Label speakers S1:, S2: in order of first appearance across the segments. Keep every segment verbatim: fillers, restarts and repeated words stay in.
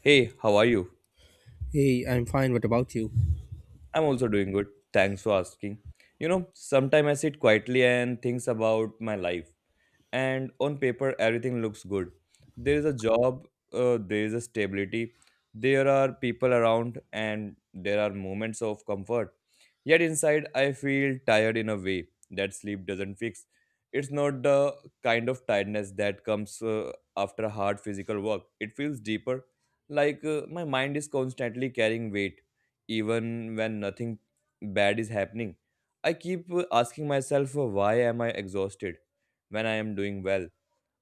S1: Hey, how are you?
S2: Hey, I'm fine. What about you?
S1: I'm also doing good. Thanks for asking. You know, sometimes I sit quietly and thinks about my life. And on paper everything looks good. There is a job, uh, there is a stability, there are people around, and there are moments of comfort, yet inside I feel tired in a way that sleep doesn't fix. It's not the kind of tiredness that comes uh, after hard physical work. It feels deeper, like uh, my mind is constantly carrying weight even when nothing bad is happening. I keep uh, asking myself, uh, why am I exhausted when I am doing well.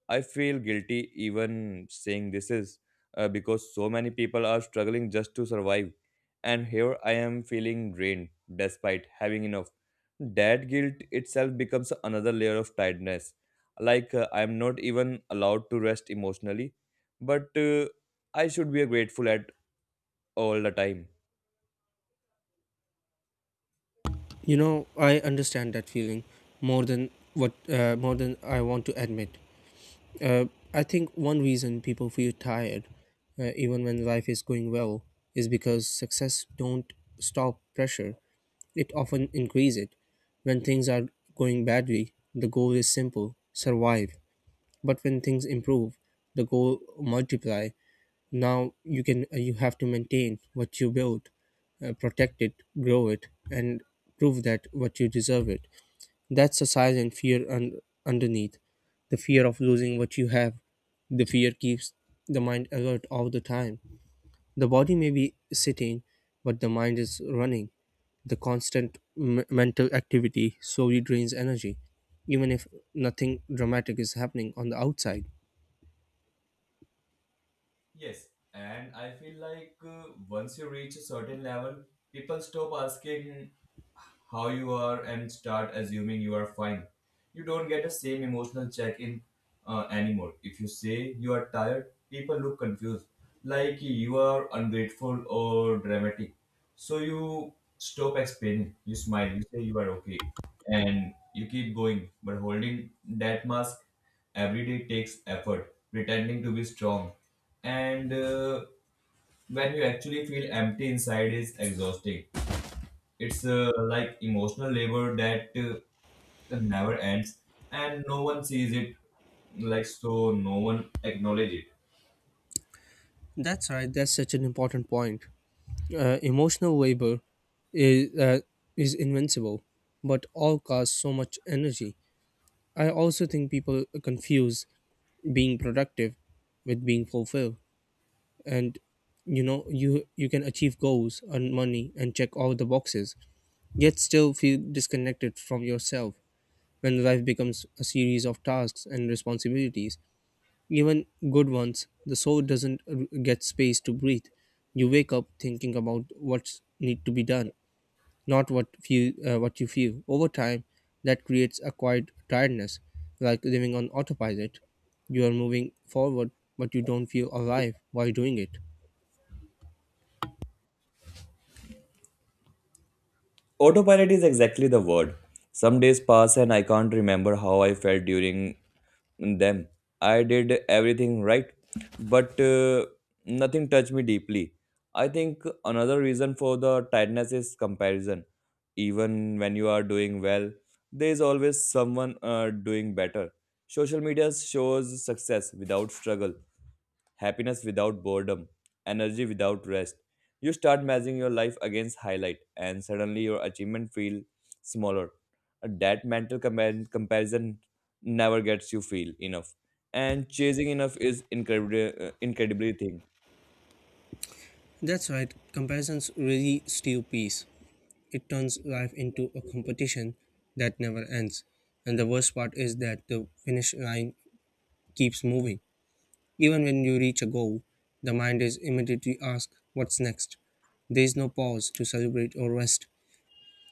S1: I feel guilty even saying this is uh, because so many people are struggling just to survive. And here I am feeling drained despite having enough. That guilt itself becomes another layer of tiredness. Like uh, I am not even allowed to rest emotionally, but uh, I should be grateful at all the time.
S2: You know, I understand that feeling more than what uh, more than I want to admit. Uh, I think one reason people feel tired, uh, even when life is going well, is because success don't stop pressure. It often increases it. When things are going badly, the goal is simple: survive. But when things improve, the goal multiply. now you can uh, you have to maintain what you build, uh, protect it, grow it, and prove that what you deserve it. That's a silent fear un- underneath, the fear of losing what you have. The fear keeps the mind alert all the time. The body may be sitting, but the mind is running. The constant m- mental activity slowly drains energy, even if nothing dramatic is happening on the outside.
S1: Yes, and I feel like, uh, once you reach a certain level, people stop asking how you are and start assuming you are fine. You don't get the same emotional check in uh, anymore. If you say you are tired, people look confused, like you are ungrateful or dramatic. So you stop explaining, you smile, you say you are okay, and you keep going. But holding that mask every day takes effort, pretending to be strong, and uh, when you actually feel empty inside is exhausting. It's, uh, like emotional labor that uh, never ends and no one sees it, like so no one acknowledge it.
S2: That's right. That's such an important point. Uh, emotional labor is uh, is invincible, but all costs so much energy. I also think people confuse being productive with being fulfilled, and you know you you can achieve goals, earn money, and check all the boxes, yet still feel disconnected from yourself when life becomes a series of tasks and responsibilities. Even good ones, the soul doesn't uh, get space to breathe. You wake up thinking about what's need to be done, not what few uh, what you feel. Over time, that creates a quiet tiredness, like living on autopilot. You are moving forward, but you don't feel alive while doing it.
S1: Autopilot is exactly the word. Some days pass and I can't remember how I felt during them. I did everything right, but uh, nothing touched me deeply. I think another reason for the tightness is comparison. Even when you are doing well, there is always someone uh, doing better. Social media shows success without struggle, happiness without boredom, energy without rest. You start measuring your life against highlight, and suddenly your achievement feel smaller. Uh, That mental compar- comparison never gets you feel enough, and chasing enough is incredibly uh, incredibly thing.
S2: That's right. Comparisons really steal peace. It turns life into a competition that never ends. And the worst part is that the finish line keeps moving. Even when you reach a goal, the mind is immediately asked, "What's next?" There is no pause to celebrate or rest.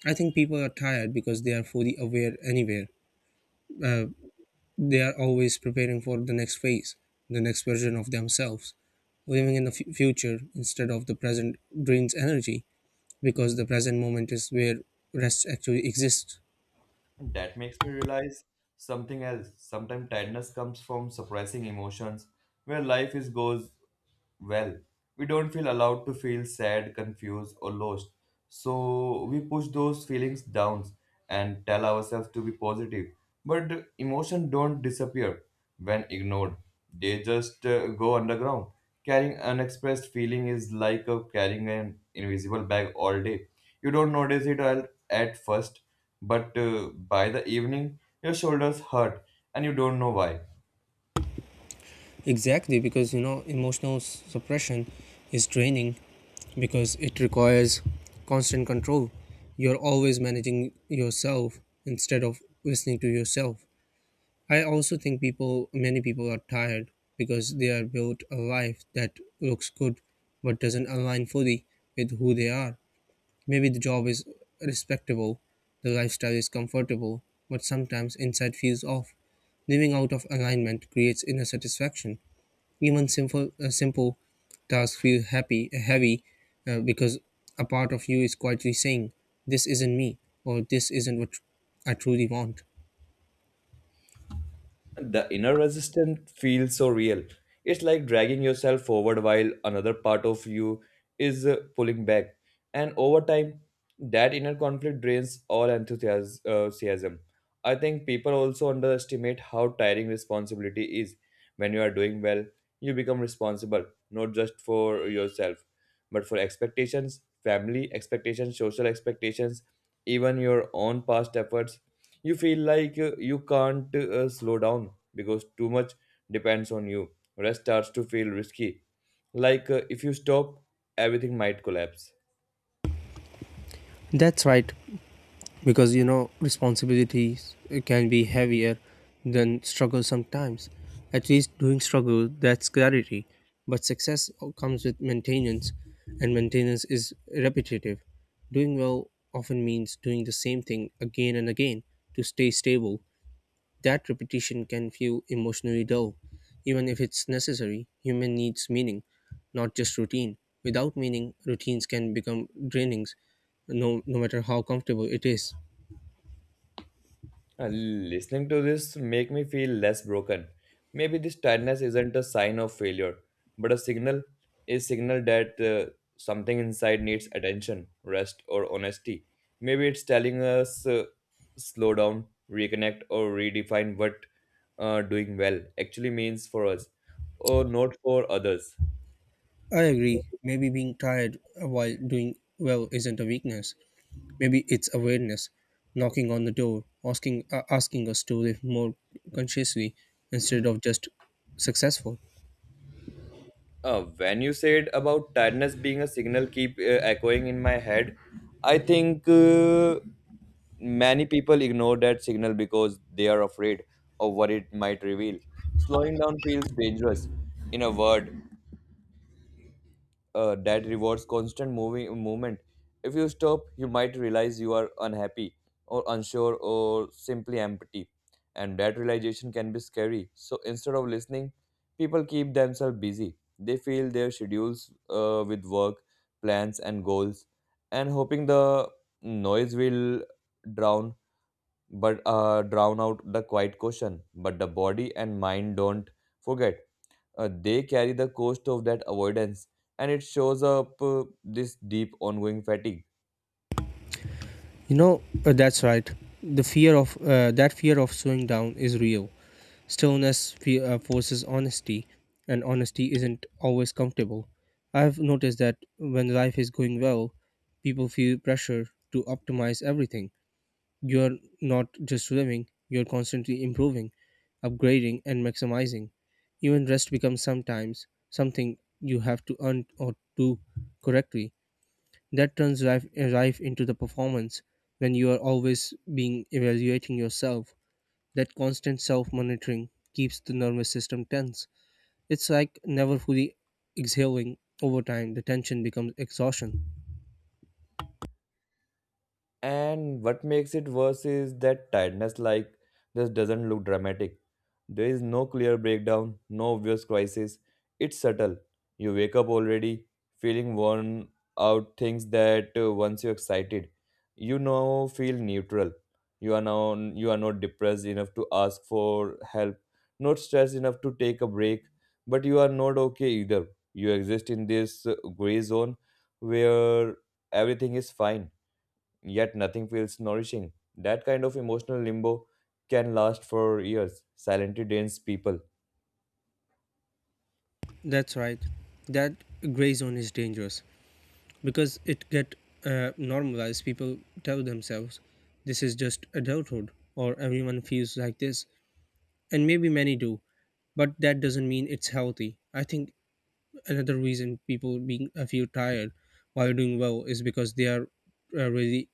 S2: I think people are tired because they are fully aware anywhere. They are always preparing for the next phase, the next version of themselves. Living in the f- future instead of the present drains energy, because the present moment is where rest actually exists.
S1: That makes me realize something else. Sometimes tiredness comes from suppressing emotions, where life is goes well. We don't feel allowed to feel sad, confused, or lost. So we push those feelings down and tell ourselves to be positive. But emotion don't disappear when ignored. They just uh, go underground. Carrying unexpressed feeling is like uh, carrying an invisible bag all day. You don't notice it al- at first, but uh, by the evening, your shoulders hurt and you don't know why.
S2: Exactly, because you know, emotional s- suppression is draining because it requires constant control. You're always managing yourself instead of listening to yourself. I also think people, many people are tired because they are built a life that looks good but doesn't align fully with who they are. Maybe the job is respectable, the lifestyle is comfortable, but sometimes inside feels off. Living out of alignment creates inner satisfaction. Even simple, uh, simple tasks feel happy, heavy, uh, because a part of you is quietly saying, "This isn't me," or "This isn't what I truly want."
S1: The inner resistance feels so real. It's like dragging yourself forward while another part of you is uh, pulling back. And over time, that inner conflict drains all enthusias- uh, enthusiasm. I think people also underestimate how tiring responsibility is. When you are doing well, you become responsible, not just for yourself, but for expectations, family expectations, social expectations, even your own past efforts. You feel like uh, you can't uh, slow down because too much depends on you. Rest starts to feel risky. Like uh, if you stop, everything might collapse.
S2: That's right, because you know responsibilities can be heavier than struggle. Sometimes at least doing struggle, that's clarity. But success comes with maintenance, and maintenance is repetitive. Doing well often means doing the same thing again and again to stay stable. That repetition can feel emotionally dull, even if it's necessary. Human needs meaning, not just routine. Without meaning, routines can become drainings, no, no matter how comfortable it is.
S1: Uh, Listening to this make me feel less broken. Maybe this tiredness isn't a sign of failure, but a signal, a signal that uh, something inside needs attention, rest, or honesty. Maybe it's telling us uh, slow down, reconnect, or redefine what uh, doing well actually means for us, or not for others.
S2: I agree. Maybe being tired while doing well isn't a weakness. Maybe it's awareness, knocking on the door, asking uh, asking us to live more consciously instead of just successful.
S1: Uh, when you said about tiredness being a signal keep uh, echoing in my head, I think, uh, many people ignore that signal because they are afraid of what it might reveal. Slowing down feels dangerous. In a word, uh, that rewards constant moving movement. If you stop, you might realize you are unhappy or unsure or simply empty, and that realization can be scary. So instead of listening, people keep themselves busy. They fill their schedules uh, with work, plans, and goals, and hoping the noise will drown, but uh, drown out the quiet caution. But the body and mind don't forget. Uh, they carry the cost of that avoidance, and it shows up uh, this deep ongoing fatigue.
S2: You know, uh, that's right. The fear of uh, that fear of slowing down is real. Stillness fe- uh, forces honesty, and honesty isn't always comfortable. I've noticed that when life is going well, people feel pressure to optimize everything. You're not just swimming, you're constantly improving, upgrading, and maximizing. Even rest becomes sometimes something you have to earn or do correctly. That turns life, life into the performance when you are always being evaluating yourself. That constant self monitoring keeps the nervous system tense. It's like never fully exhaling. Over time, the tension becomes exhaustion.
S1: And what makes it worse is that tiredness like just doesn't look dramatic. There is no clear breakdown, no obvious crisis. It's subtle. You wake up already feeling worn out. Things that uh, once you're excited, you now feel neutral. You are now you are not depressed enough to ask for help, not stressed enough to take a break, but you are not okay either. You exist in this uh, gray zone where everything is fine yet nothing feels nourishing. That kind of emotional limbo can last for years, silently drains people.
S2: That's right. That gray zone is dangerous because it get uh, normalized. People tell themselves this is just adulthood or everyone feels like this, and maybe many do, but that doesn't mean it's healthy. I think another reason people being uh, feel tired while doing well is because they are uh, really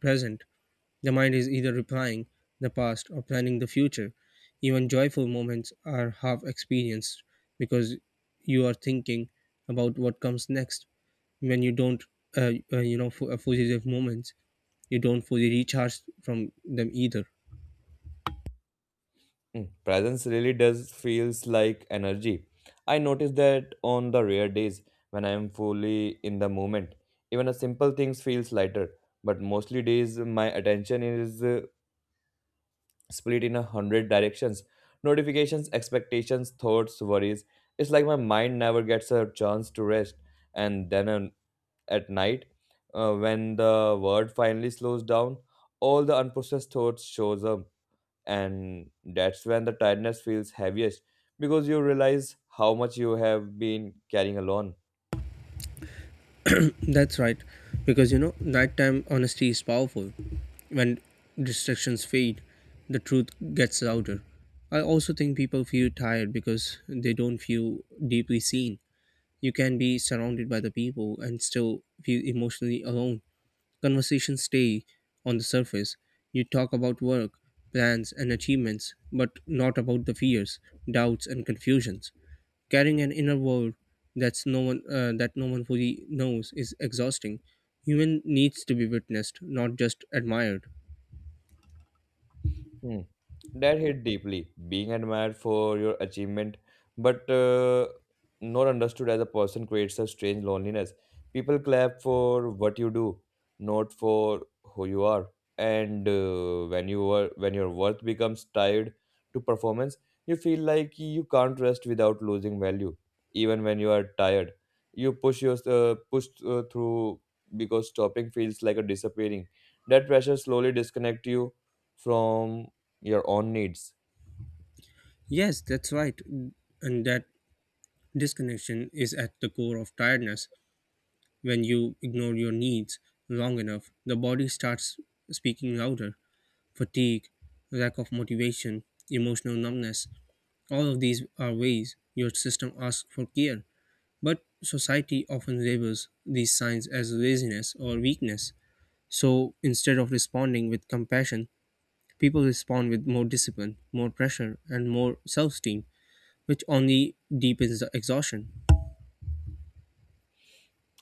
S2: present. The mind is either replying the past or planning the future. Even joyful moments are half experienced because you are thinking about what comes next. When you don't, uh, uh, you know, for uh, fugitive moments, you don't fully recharge from them either.
S1: Mm, presence really does feels like energy. I notice that on the rare days when I am fully in the moment, even a simple things feels lighter. But mostly days my attention is uh, split in a hundred directions. Notifications, expectations, thoughts, worries. It's like my mind never gets a chance to rest, and then uh, at night, uh, when the world finally slows down, all the unprocessed thoughts shows up, and that's when the tiredness feels heaviest because you realize how much you have been carrying alone.
S2: That's right, because you know, nighttime honesty is powerful. When distractions fade, the truth gets louder. I also think people feel tired because they don't feel deeply seen. You can be surrounded by the people and still feel emotionally alone. Conversations stay on the surface. You talk about work, plans, and achievements, but not about the fears, doubts, and confusions. Carrying an inner world that's no one uh, that no one fully knows is exhausting. Human needs to be witnessed, not just admired.
S1: Hmm. That hit deeply, being admired for your achievement, but uh, not understood as a person creates a strange loneliness. People clap for what you do, not for who you are. And uh, when you are, when your worth becomes tied to performance, you feel like you can't rest without losing value. Even when you are tired, you push your uh, push uh, through because stopping feels like a disappearing. That pressure slowly disconnect you from your own needs.
S2: Yes, that's right, and that disconnection is at the core of tiredness. When you ignore your needs long enough, the body starts speaking louder. Fatigue, lack of motivation, emotional numbness, all of these are ways your system asks for care. But society often labels these signs as laziness or weakness. So instead of responding with compassion, people respond with more discipline, more pressure, and more self esteem, which only deepens the exhaustion.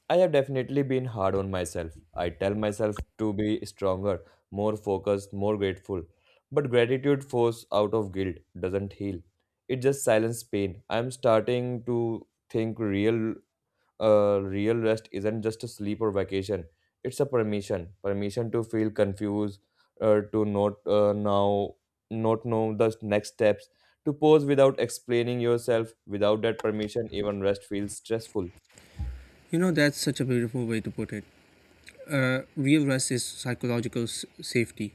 S1: I have definitely been hard on myself. I tell myself to be stronger, more focused, more grateful. But gratitude forced out of guilt doesn't heal. It just silences pain. I'm starting to think real uh, real rest isn't just a sleep or vacation. It's a permission. Permission to feel confused, uh, to not uh, now not know the next steps, to pause without explaining yourself. Without that permission, even rest feels stressful.
S2: You know, that's such a beautiful way to put it. Real rest is psychological s- safety.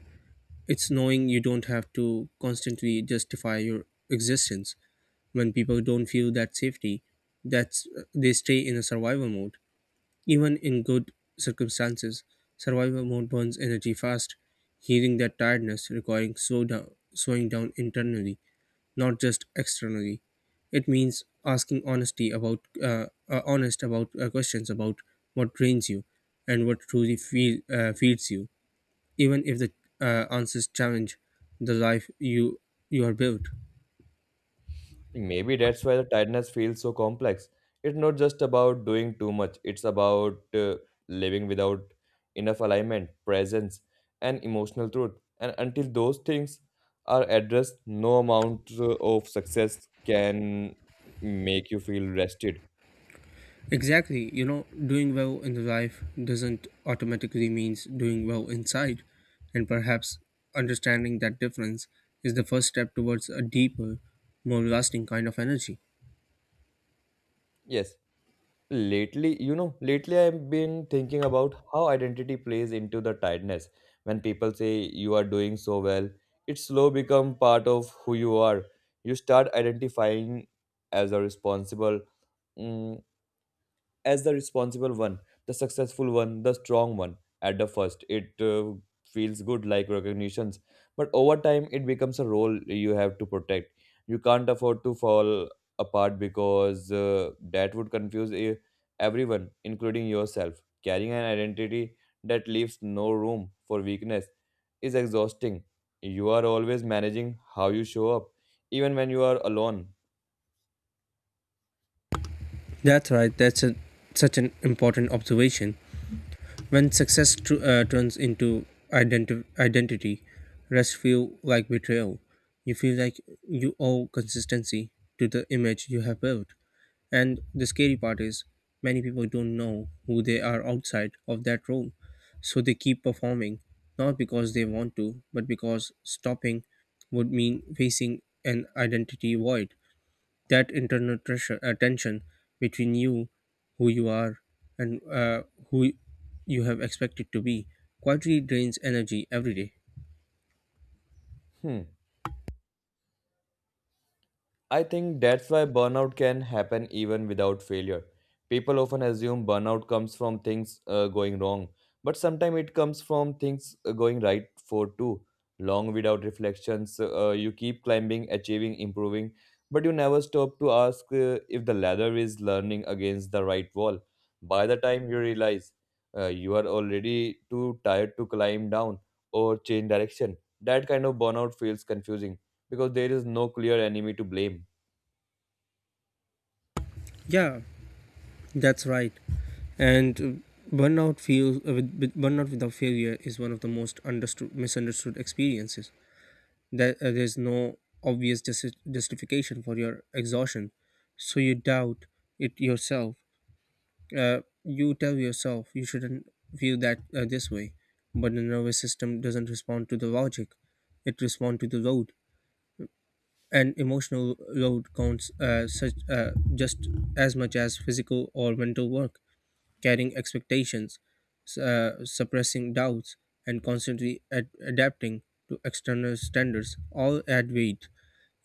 S2: It's knowing you don't have to constantly justify your existence. When people don't feel that safety, that's they stay in a survival mode. Even in good circumstances, survival mode burns energy fast. Healing that tiredness requiring slow down, slowing down internally, not just externally. It means asking honesty about uh, uh, honest about uh, questions about what drains you and what truly feel, uh, feeds you even if the uh, answers challenge the life you you are built.
S1: Maybe that's why the tiredness feels so complex. It's not just about doing too much, it's about uh, living without enough alignment, presence, and emotional truth. And until those things are addressed, no amount uh, of success can make you feel rested.
S2: Exactly, you know doing well in the life doesn't automatically means doing well inside, and perhaps understanding that difference is the first step towards a deeper, more lasting kind of energy.
S1: Yes, lately, you know, lately I've been thinking about how identity plays into the tiredness. When people say you are doing so well, it slow become part of who you are. You start identifying as a responsible, mm, as the responsible one, the successful one, the strong one. At the first, it uh, feels good like recognitions, but over time, it becomes a role you have to protect. You can't afford to fall apart because uh, that would confuse e- everyone, including yourself. Carrying an identity that leaves no room for weakness is exhausting. You are always managing how you show up, even when you are alone.
S2: That's right. That's a, such an important observation. When success tr- uh, turns into identi- identity, rest feel like betrayal. You feel like you owe consistency to the image you have built. And the scary part is, many people don't know who they are outside of that role. So they keep performing, not because they want to, but because stopping would mean facing an identity void. That internal pressure uh, tension between you who you are and uh, who you have expected to be quietly drains energy every day.
S1: Hmm. I think that's why burnout can happen even without failure. People often assume burnout comes from things uh, going wrong, but sometimes it comes from things uh, going right for too long without reflections. Uh, you keep climbing, achieving, improving, but you never stop to ask uh, if the ladder is leaning against the right wall. By the time you realize, uh, you are already too tired to climb down or change direction. That kind of burnout feels confusing because there is no clear enemy to blame.
S2: Yeah, that's right. And uh, burnout feels uh, with, with burnout without failure is one of the most understood misunderstood experiences. That uh, There's no obvious justi- justification for your exhaustion. So you doubt it yourself. Uh, you tell yourself you shouldn't view that uh, this way. But the nervous system doesn't respond to the logic. It responds to the load, and emotional load counts uh, such uh, just as much as physical or mental work. Carrying expectations, s- uh, suppressing doubts, and constantly ad- adapting to external standards all add weight,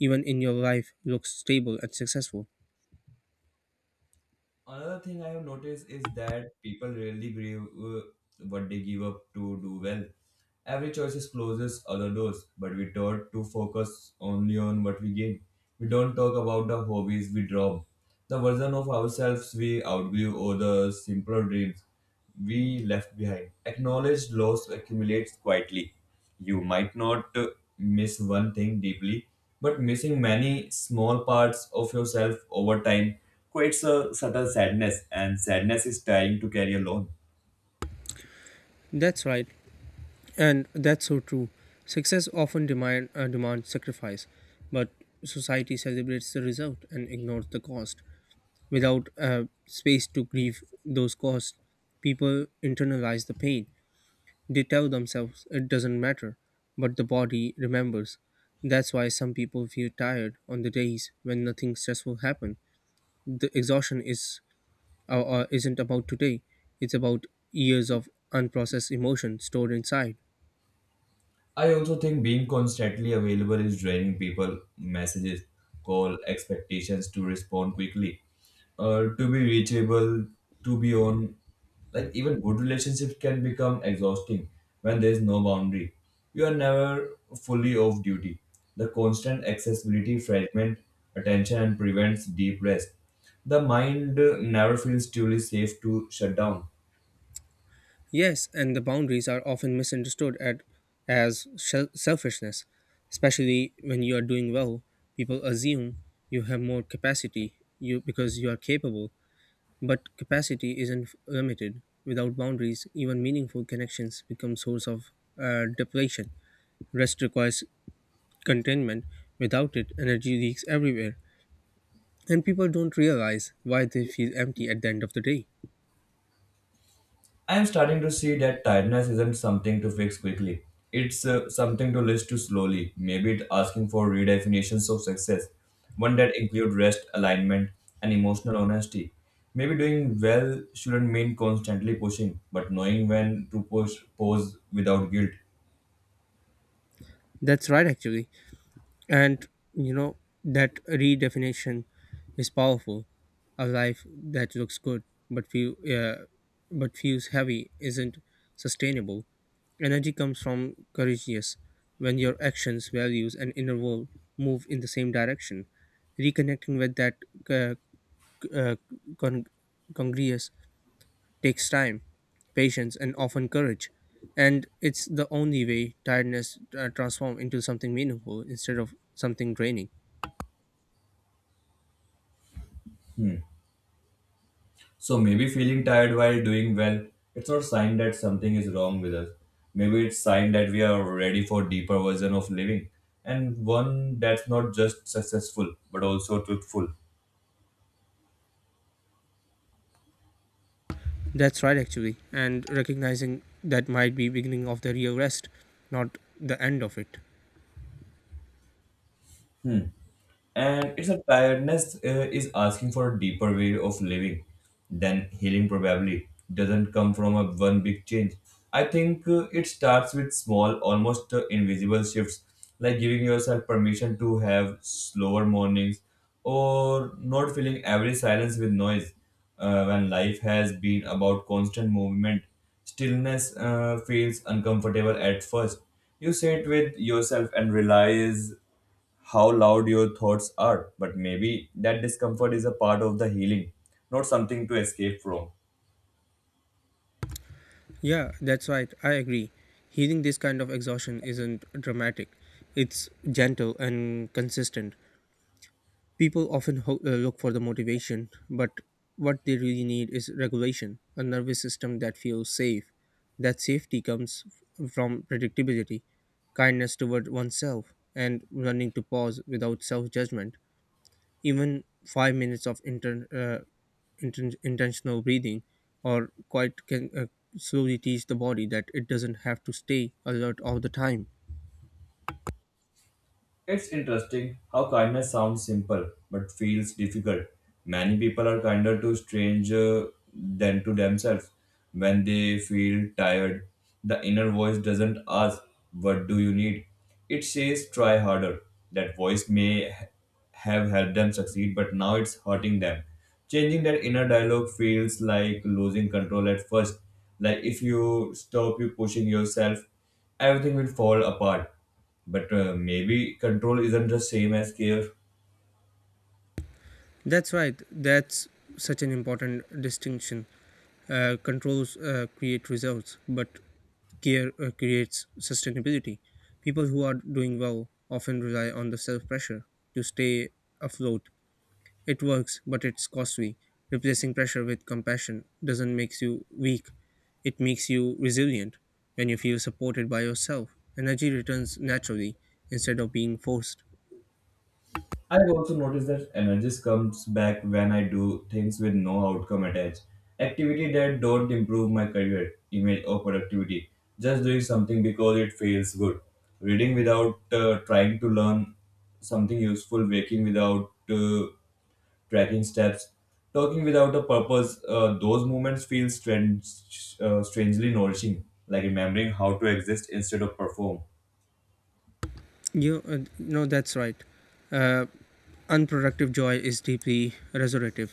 S2: even in your life looks stable and successful.
S1: Another thing I have noticed is that people rarely grieve uh, what they give up to do well. Every choice closes other doors, but we taught to focus only on what we gain. We don't talk about the hobbies we drop, the version of ourselves we outgrew, or the simpler dreams we left behind. Acknowledged loss accumulates quietly. You might not uh, miss one thing deeply, but missing many small parts of yourself over time creates a subtle sadness, and sadness is trying to carry alone.
S2: That's right. And that's so true. Success often demand, uh, demands sacrifice, but society celebrates the result and ignores the cost. Without uh, space to grieve those costs, people internalize the pain. They tell themselves it doesn't matter, but the body remembers. That's why some people feel tired on the days when nothing stressful happened. The exhaustion is uh, uh, isn't about today; it's about years of unprocessed emotion stored inside.
S1: I also think being constantly available is draining people messages, call, expectations to respond quickly, uh, to be reachable, to be on. Like even good relationships can become exhausting when there is no boundary. You are never fully off duty. The constant accessibility fragment attention and prevents deep rest. The mind uh, never feels truly safe to shut down.
S2: Yes, and the boundaries are often misunderstood at, as shel- selfishness, especially when you are doing well. People assume you have more capacity you because you are capable, but capacity isn't limited. Without boundaries, even meaningful connections become source of uh, depletion. Rest requires containment. Without it, energy leaks everywhere, and people don't realize why they feel empty at the end of the day.
S1: I am starting to see that tiredness isn't something to fix quickly. It's uh, something to list to slowly. Maybe it's asking for redefinitions of success, one that include rest, alignment, and emotional honesty. Maybe doing well shouldn't mean constantly pushing, but knowing when to push, pause without guilt.
S2: That's right, actually. And you know, that redefinition is powerful. A life that looks good but feel, uh, but feels heavy isn't sustainable. Energy comes from courageous when your actions, values, and inner world move in the same direction. Reconnecting with that uh, c- uh, con- congruous takes time, patience, and often courage. And it's the only way tiredness uh, transforms into something meaningful instead of something draining.
S1: So maybe feeling tired while doing well, it's not sign that something is wrong with us. Maybe it's sign that we are ready for deeper version of living and one that's not just successful but also truthful.
S2: That's right, actually. And recognizing that might be beginning of the real rest, not the end of it.
S1: And it's a tiredness uh, is asking for a deeper way of living, then healing probably doesn't come from a one big change. I think uh, it starts with small, almost uh, invisible shifts, like giving yourself permission to have slower mornings or not filling every silence with noise. Uh, when life has been about constant movement, stillness uh, feels uncomfortable at first. You sit with yourself and realize how loud your thoughts are, but maybe that discomfort is a part of the healing, not something to escape from.
S2: Yeah, that's right. I agree. Healing this kind of exhaustion isn't dramatic. It's gentle and consistent. People often ho- uh, look for the motivation, but what they really need is regulation, a nervous system that feels safe. That safety comes f- from predictability, kindness toward oneself, and learning to pause without self judgment. Even five minutes of inter- uh, inten- intentional breathing or quiet can uh, slowly teach the body that it doesn't have to stay alert all the time.
S1: It's interesting how kindness sounds simple but feels difficult. Many people are kinder to strangers than to themselves when they feel tired. The inner voice doesn't ask, "What do you need?" It says, "Try harder." That voice may ha- have helped them succeed, but now it's hurting them. Changing that inner dialogue feels like losing control at first. Like if you stop you pushing yourself, everything will fall apart. But uh, maybe control isn't the same as care.
S2: That's right, that's such an important distinction. Uh, controls uh, create results, but care uh, creates sustainability. People who are doing well often rely on the self pressure to stay afloat. It works, but it's costly. Replacing pressure with compassion doesn't make you weak, it makes you resilient. When you feel supported by yourself, energy returns naturally instead of being forced.
S1: I've also noticed that energy comes back when I do things with no outcome attached. Activity that don't improve my career, image, or productivity. Just doing something because it feels good. Reading without uh, trying to learn something useful. Waking without uh, tracking steps. Talking without a purpose. Uh, those moments feel strange, uh, strangely nourishing, like remembering how to exist instead of perform.
S2: You uh, no, that's right. Uh, Unproductive joy is deeply resurrective.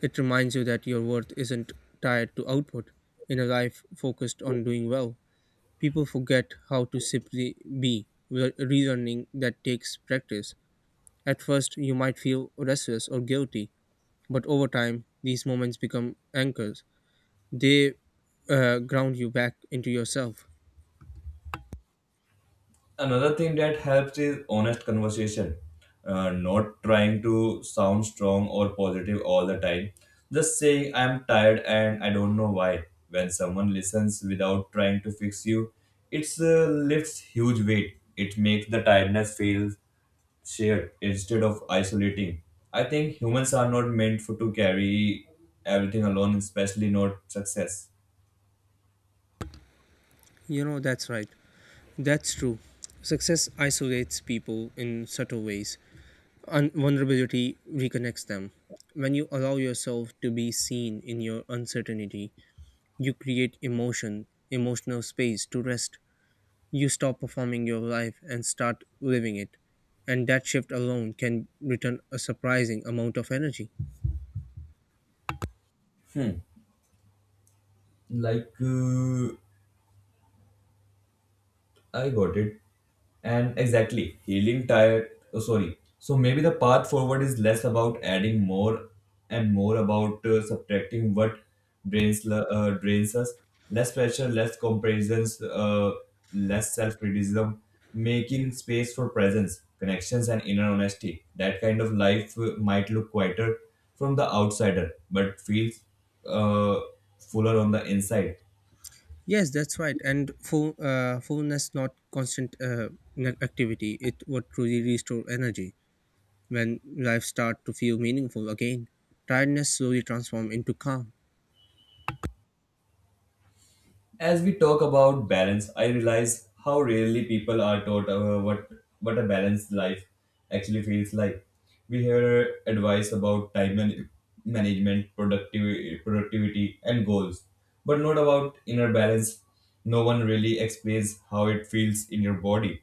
S2: It reminds you that your worth isn't tied to output. In a life focused on doing well, people forget how to simply be, re- relearning that takes practice. At first, you might feel restless or guilty, but over time, these moments become anchors. They uh, ground you back into yourself.
S1: Another thing that helps is honest conversation. Uh, not trying to sound strong or positive all the time, just saying I'm tired and I don't know why. When someone listens without trying to fix you, it's uh, lifts huge weight. It makes the tiredness feel shared instead of isolating. I think humans are not meant for to carry everything alone, especially not success.
S2: You know, that's right. That's true. Success isolates people in subtle ways. Un- vulnerability reconnects them. When you allow yourself to be seen in your uncertainty, you create emotion, emotional space to rest. You stop performing your life and start living it. And that shift alone can return a surprising amount of energy.
S1: Hmm. like uh, I got it. And exactly, healing tired. Oh, sorry. So maybe the path forward is less about adding more and more about uh, subtracting what drains l- uh, drains us. Less pressure, less comparisons, uh, less self criticism, making space for presence, connections, and inner honesty. That kind of life uh, might look quieter from the outsider, but feels uh, fuller on the inside.
S2: Yes, that's right. And full, uh, fullness, not constant uh, ne- activity, it would truly restore energy when life start to feel meaningful again. Tiredness slowly transform into calm.
S1: As we talk about balance, I realize how rarely people are taught uh, what what a balanced life actually feels like. We hear advice about time man- management, productivity, productivity, and goals, but not about inner balance. No one really explains how it feels in your body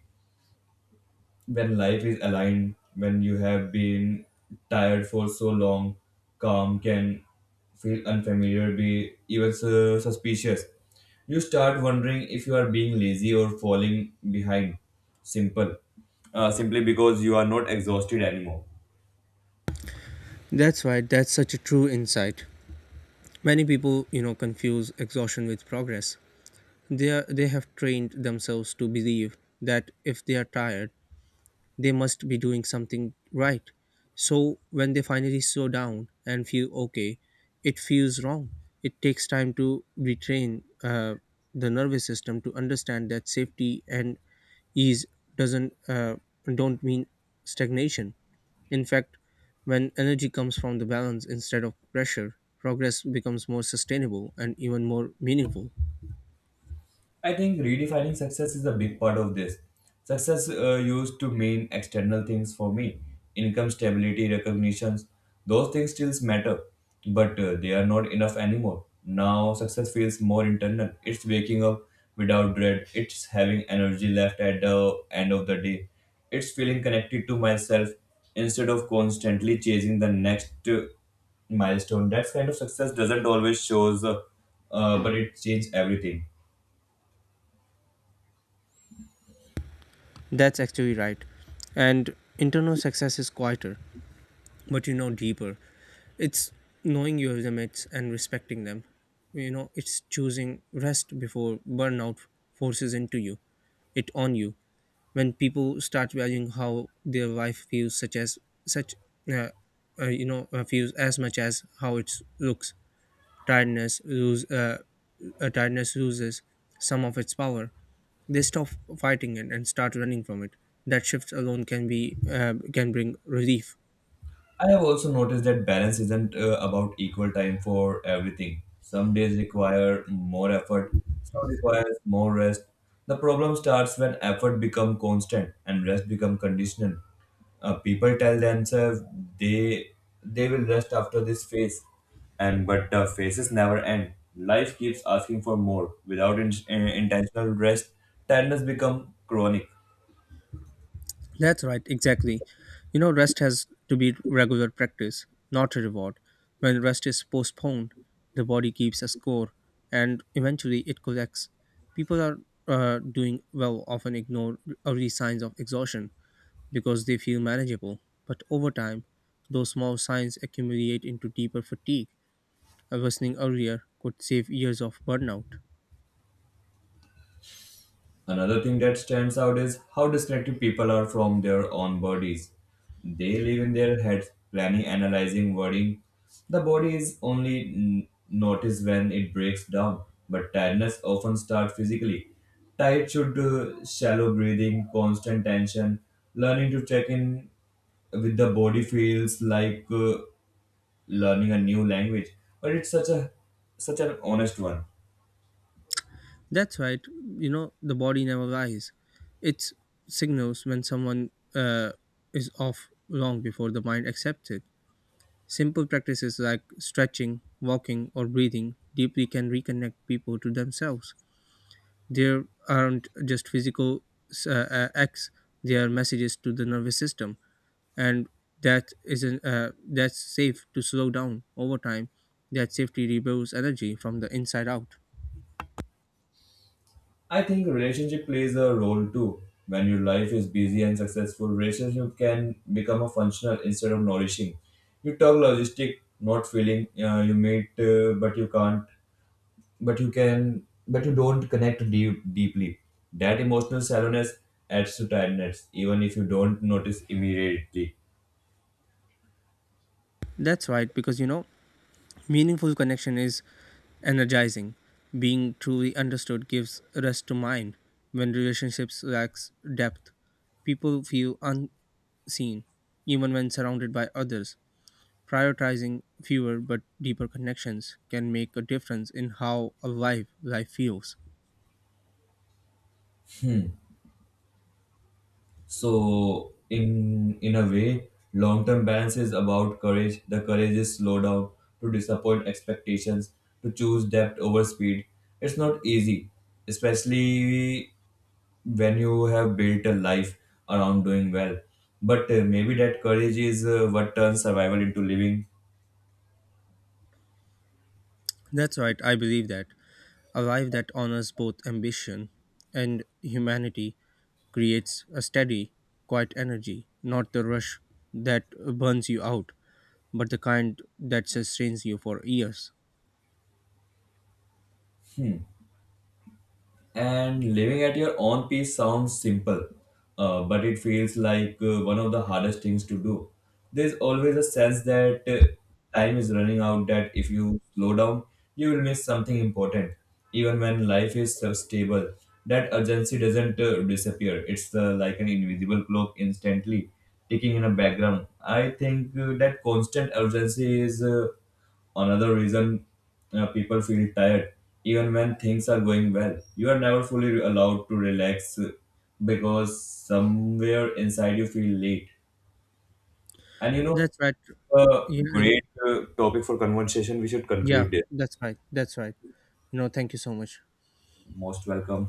S1: when life is aligned. When you have been tired for so long, calm can feel unfamiliar, be even su- suspicious. You start wondering if you are being lazy or falling behind. Simple. Uh, simply because you are not exhausted anymore.
S2: That's right, that's such a true insight. Many people, you know, confuse exhaustion with progress. They, are, they have trained themselves to believe that if they are tired, they must be doing something right. So when they finally slow down and feel okay, it feels wrong. It takes time to retrain uh, the nervous system to understand that safety and ease doesn't uh, don't mean stagnation. In fact, when energy comes from the balance instead of pressure, progress becomes more sustainable and even more meaningful.
S1: I think redefining success is a big part of this. Success uh, used to mean external things for me: income, stability, recognitions. Those things still matter, but uh, they are not enough anymore. Now, success feels more internal. It's waking up without dread, it's having energy left at the end of the day, it's feeling connected to myself instead of constantly chasing the next uh, milestone. That kind of success doesn't always shows, uh, uh, but it changes everything.
S2: That's actually right. And internal success is quieter, but you know deeper. It's knowing your limits and respecting them. You know, it's choosing rest before burnout forces into you, it on you. When people start valuing how their life feels such as such uh, uh, you know uh, feels as much as how it looks, tiredness lose uh, uh, tiredness loses some of its power. They stop fighting it and start running from it. That shift alone can be uh, can bring relief.
S1: I have also noticed that balance isn't uh, about equal time for everything. Some days require more effort, some requires more rest. The problem starts when effort becomes constant and rest becomes conditional. Uh, people tell themselves they they will rest after this phase, and but the phases never end. Life keeps asking for more. Without in, uh, intentional rest, tiredness becomes chronic.
S2: That's right, exactly. You know, rest has to be regular practice, not a reward. When rest is postponed, the body keeps a score and eventually it collects. People are uh, doing well often ignore early signs of exhaustion because they feel manageable, but over time, those small signs accumulate into deeper fatigue. Awakening earlier could save years of burnout.
S1: Another thing that stands out is how disconnected people are from their own bodies. They live in their heads, planning, analyzing, worrying. The body is only n- noticed when it breaks down, but tiredness often starts physically. Tight should uh, shallow breathing, constant tension, learning to check in with the body feels like uh, learning a new language, but it's such a such an honest one.
S2: That's right. You know, the body never lies. It signals when someone uh, is off long before the mind accepts it. Simple practices like stretching, walking, or breathing deeply can reconnect people to themselves. There aren't just physical uh, uh, acts; they are messages to the nervous system, and that isn't uh, that's safe to slow down over time. That safety rebuilds energy from the inside out.
S1: I think relationship plays a role too. When your life is busy and successful, relationship can become a functional instead of nourishing. You talk logistic, not feeling. Uh, you meet, uh, but you can't. But you can. But you don't connect deep, deeply. That emotional shallowness adds to tiredness, even if you don't notice immediately.
S2: That's right, because you know, meaningful connection is energizing. Being truly understood gives rest to mind. When relationships lacks depth, people feel unseen, even when surrounded by others. Prioritizing fewer but deeper connections can make a difference in how alive life feels.
S1: So in in a way, long term balance is about courage. The courage is slow down to disappoint expectations, to choose depth over speed. It's not easy, especially when you have built a life around doing well. But uh, maybe that courage is uh, what turns survival into living.
S2: That's right, I believe that. A life that honors both ambition and humanity creates a steady, quiet energy, not the rush that burns you out, but the kind that sustains you for years.
S1: And living at your own pace sounds simple, uh, but it feels like uh, one of the hardest things to do. There's always a sense that uh, time is running out, that if you slow down, you will miss something important. Even when life is so stable, that urgency doesn't uh, disappear. It's uh, like an invisible clock instantly ticking in a background. I think uh, that constant urgency is. Uh, Another reason uh, people feel tired, even when things are going well, you are never fully allowed to relax uh, because somewhere inside you feel late. And you know,
S2: That's right.
S1: a
S2: Yeah,
S1: great uh, topic for conversation. We should
S2: yeah,
S1: conclude it.
S2: that's right. That's right. You know, thank you so much.
S1: Most welcome.